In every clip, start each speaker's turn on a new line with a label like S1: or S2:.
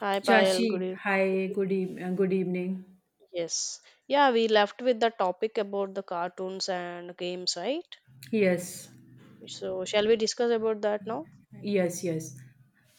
S1: Hi Payal,
S2: Chachi, hi, good, good evening.
S1: Yes. Yeah, we left with the topic about the cartoons and games, right?
S2: Yes,
S1: So shall we discuss about that now?
S2: yes.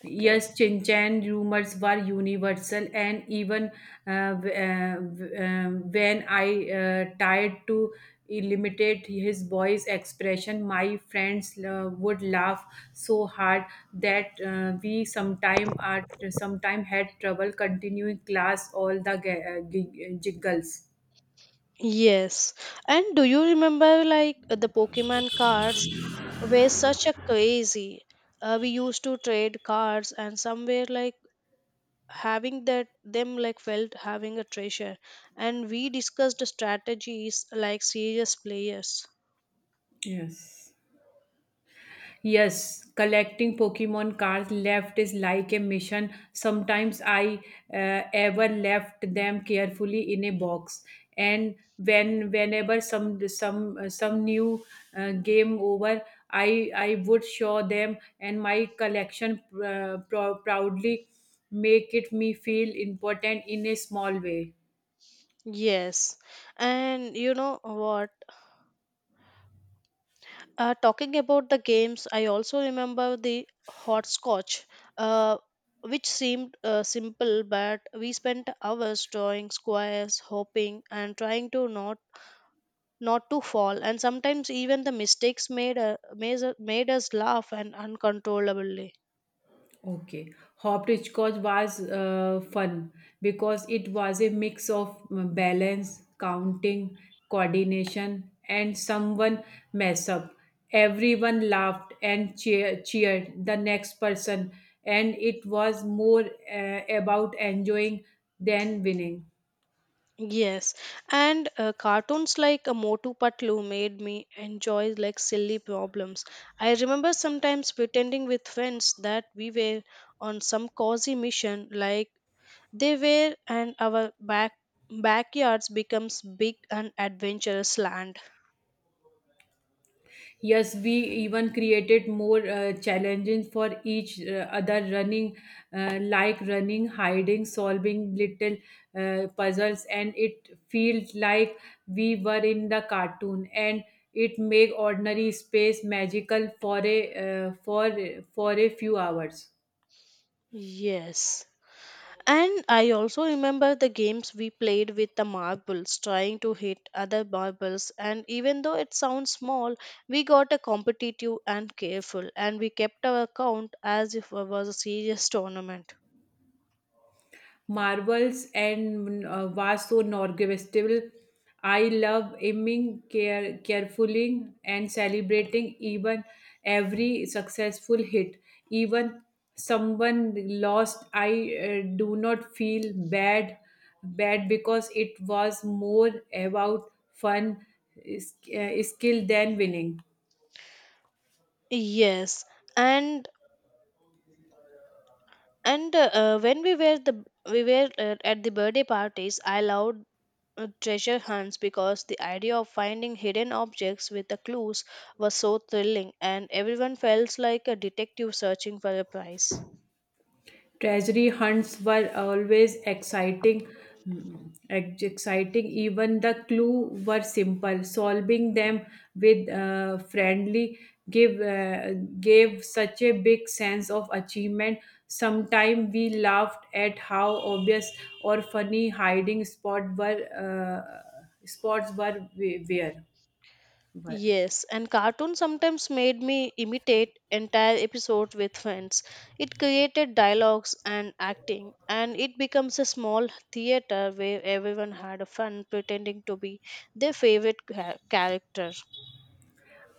S1: Okay.
S2: Yes, Chinchan rumors were universal, and even when I tried to limitate his boy's expression, my friends would laugh so hard that we sometime had trouble continuing class all the jiggles.
S1: Yes. And do you remember like the Pokemon cards were such a crazy. We used to trade cards and somewhere like having that them like felt having a treasure, and we discussed strategies like serious players.
S2: Yes. Yes, collecting Pokemon cards left is like a mission. Sometimes I ever left them carefully in a box, and whenever some new game over, I would show them, and my collection proudly make it me feel important in a small way.
S1: Yes. And you know what? Talking about the games, I also remember the hopscotch, uh, which seemed simple, but we spent hours drawing squares, hoping, and trying to not to fall. And sometimes even the mistakes made us laugh and uncontrollably.
S2: Okay. Hopscotch was fun because it was a mix of balance, counting, coordination, and someone mess up. Everyone laughed and cheered the next person, and it was more about enjoying than winning.
S1: Yes, and cartoons like a Motu Patlu made me enjoy like silly problems. I remember sometimes pretending with friends that we were on some cozy mission like they were, and our backyards becomes big and adventurous land.
S2: Yes, we even created more challenges for each other running, like running, hiding, solving little puzzles, and it feels like we were in the cartoon, and it make ordinary space magical for a for for a few hours.
S1: Yes. And I also remember the games we played with the marbles, trying to hit other marbles. And even though it sounds small, we got a competitive and careful, and we kept our count as if it was a serious tournament.
S2: Marvels and Vaso Norgestival. I love aiming carefully and celebrating even every successful hit. Even someone lost, I do not feel bad because it was more about fun, skill than winning.
S1: Yes, and and when we were the we were at the birthday parties. I loved treasure hunts, because the idea of finding hidden objects with the clues was so thrilling, and everyone felt like a detective searching for a prize.
S2: Treasury hunts were always exciting, mm, exciting. Even the clue were simple. Solving them with friendly give gave such a big sense of achievement. Sometimes we laughed at how obvious or funny hiding spot were spots were were.
S1: Yes, and cartoons sometimes made me imitate entire episodes with friends. It created dialogues and acting, and it becomes a small theater where everyone had a fun pretending to be their favorite character.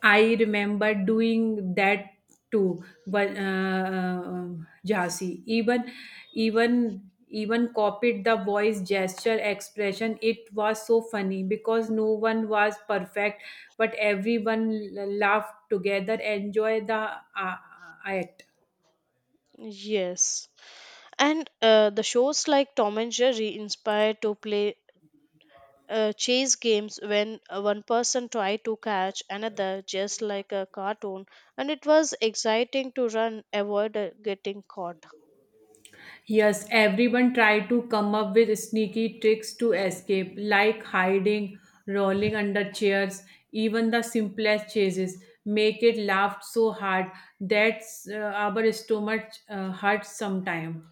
S2: I remember doing that too, but Jhansi even copied the voice gesture expression. It was so funny because no one was perfect but everyone laughed together enjoy the uh, act.
S1: Yes, and the shows like Tom and Jerry inspired to play chase games when one person tried to catch another, just like a cartoon, and it was exciting to run, avoid getting caught.
S2: Yes, everyone tried to come up with sneaky tricks to escape, like hiding, rolling under chairs, even the simplest chases. Make it laughed so hard that our stomach hurts sometimes.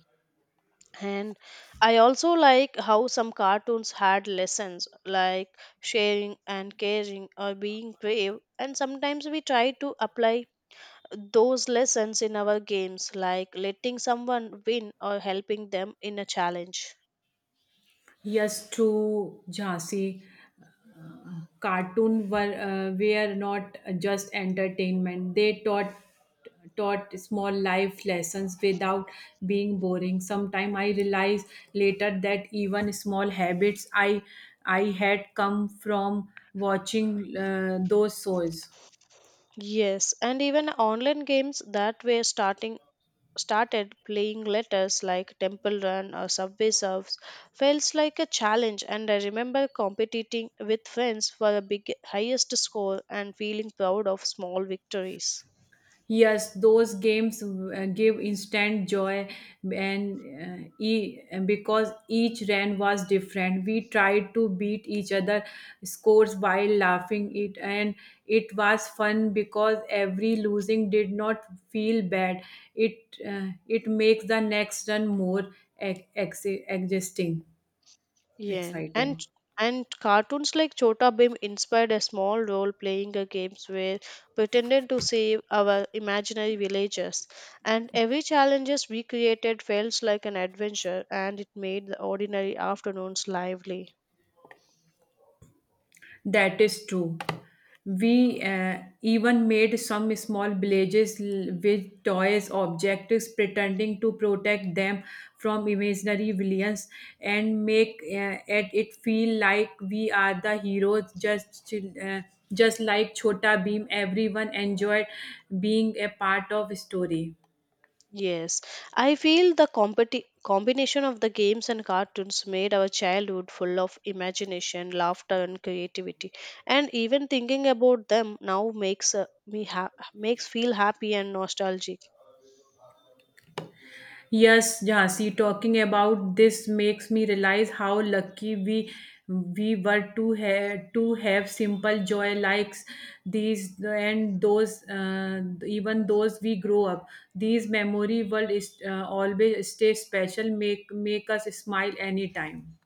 S1: And I also like how some cartoons had lessons like sharing and caring, or being brave, and sometimes we try to apply those lessons in our games, like letting someone win or helping them in a challenge.
S2: Yes, true, Jhansi. Cartoon were not just entertainment. They taught small life lessons without being boring. Sometime I realized later that even small habits I had come from watching those shows.
S1: Yes, and even online games that were starting started playing letters like Temple Run or Subway Surfs felt like a challenge, and I remember competing with friends for the big highest score and feeling proud of small victories.
S2: Yes, those games give instant joy, and uh, e- because each run was different, we tried to beat each other scores while laughing it, and it was fun because every losing did not feel bad. It it makes the next run more ex- ex- existing,
S1: Yeah, and
S2: exciting.
S1: and cartoons like Chota Bhim inspired a small role playing a games where pretended to save our imaginary villages, and every challenges we created felt like an adventure, and it made the ordinary afternoons lively.
S2: That is true. We even made some small villages with toys, objects, pretending to protect them from imaginary villains, and make it feel like we are the heroes. Just like Chota Beam, everyone enjoyed being a part of story.
S1: Yes, I feel the combination of the games and cartoons made our childhood full of imagination, laughter, and creativity. And even thinking about them now makes feel happy and nostalgic.
S2: Yes, Jhansi, talking about this makes me realize how lucky we were to have simple joy likes these and those even those we grow up. These memory will is, always stay special. Make us smile anytime.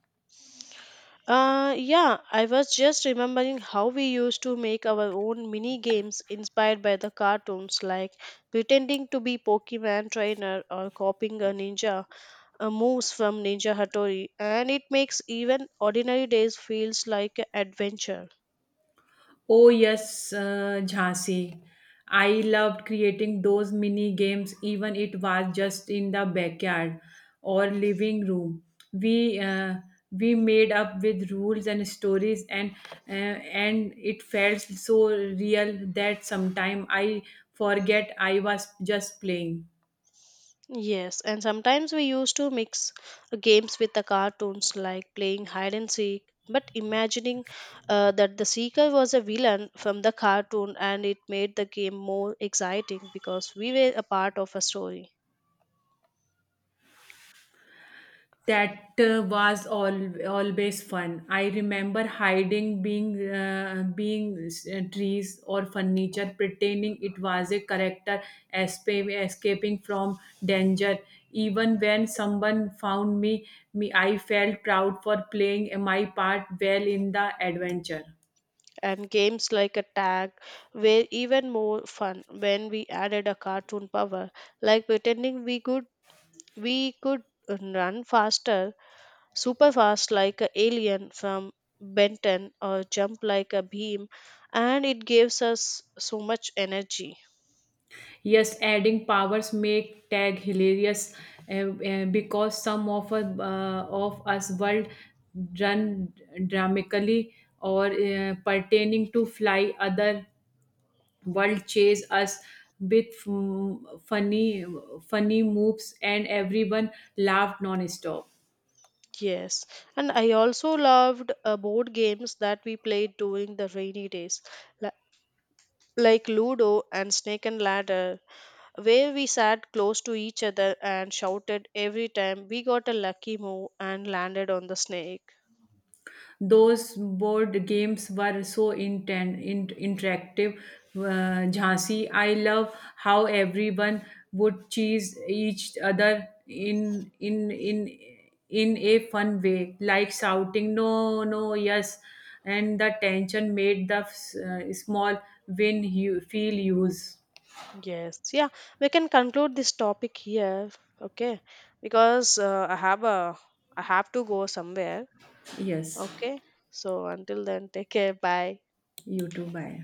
S1: Yeah, I was just remembering how we used to make our own mini games inspired by the cartoons, like pretending to be Pokemon trainer or copying a ninja moves from Ninja Hattori, and it makes even ordinary days feels like an adventure.
S2: Oh, yes, Jhansi. I loved creating those mini games, even it was just in the backyard or living room. We uh, we made up with rules and stories, uh, and it felt so real that sometime I forget I was just playing.
S1: Yes, and sometimes we used to mix games with the cartoons, like playing hide and seek, but imagining that the seeker was a villain from the cartoon, and it made the game more exciting because we were a part of a story.
S2: That uh, was all, Always fun. I remember hiding being being trees or furniture, pretending it was a character escaping from danger. Even when someone found me, I felt proud for playing my part well in the adventure.
S1: And games like a tag were even more fun when we added a cartoon power, like pretending we could run faster, super fast like a alien from Benton, or jump like a beam, and it gives us so much energy.
S2: Yes, adding powers make tag hilarious because of us world run dramatically or pertaining to fly other world chase us with mm, funny moves and everyone laughed non-stop.
S1: Yes, and I also loved board games that we played during the rainy days, li- like Ludo and Snake and Ladder, where we sat close to each other and shouted every time we got a lucky move and landed on the snake.
S2: Those board games were so interactive, Jhansi. I love how everyone would cheese each other in a fun way, like shouting "No, no, yes," and the tension made the small win you feel use.
S1: Yes, yeah, we can conclude this topic here, okay? Because I have to go somewhere,
S2: Yes,
S1: okay? So until then, take care. Bye.
S2: you too. Bye.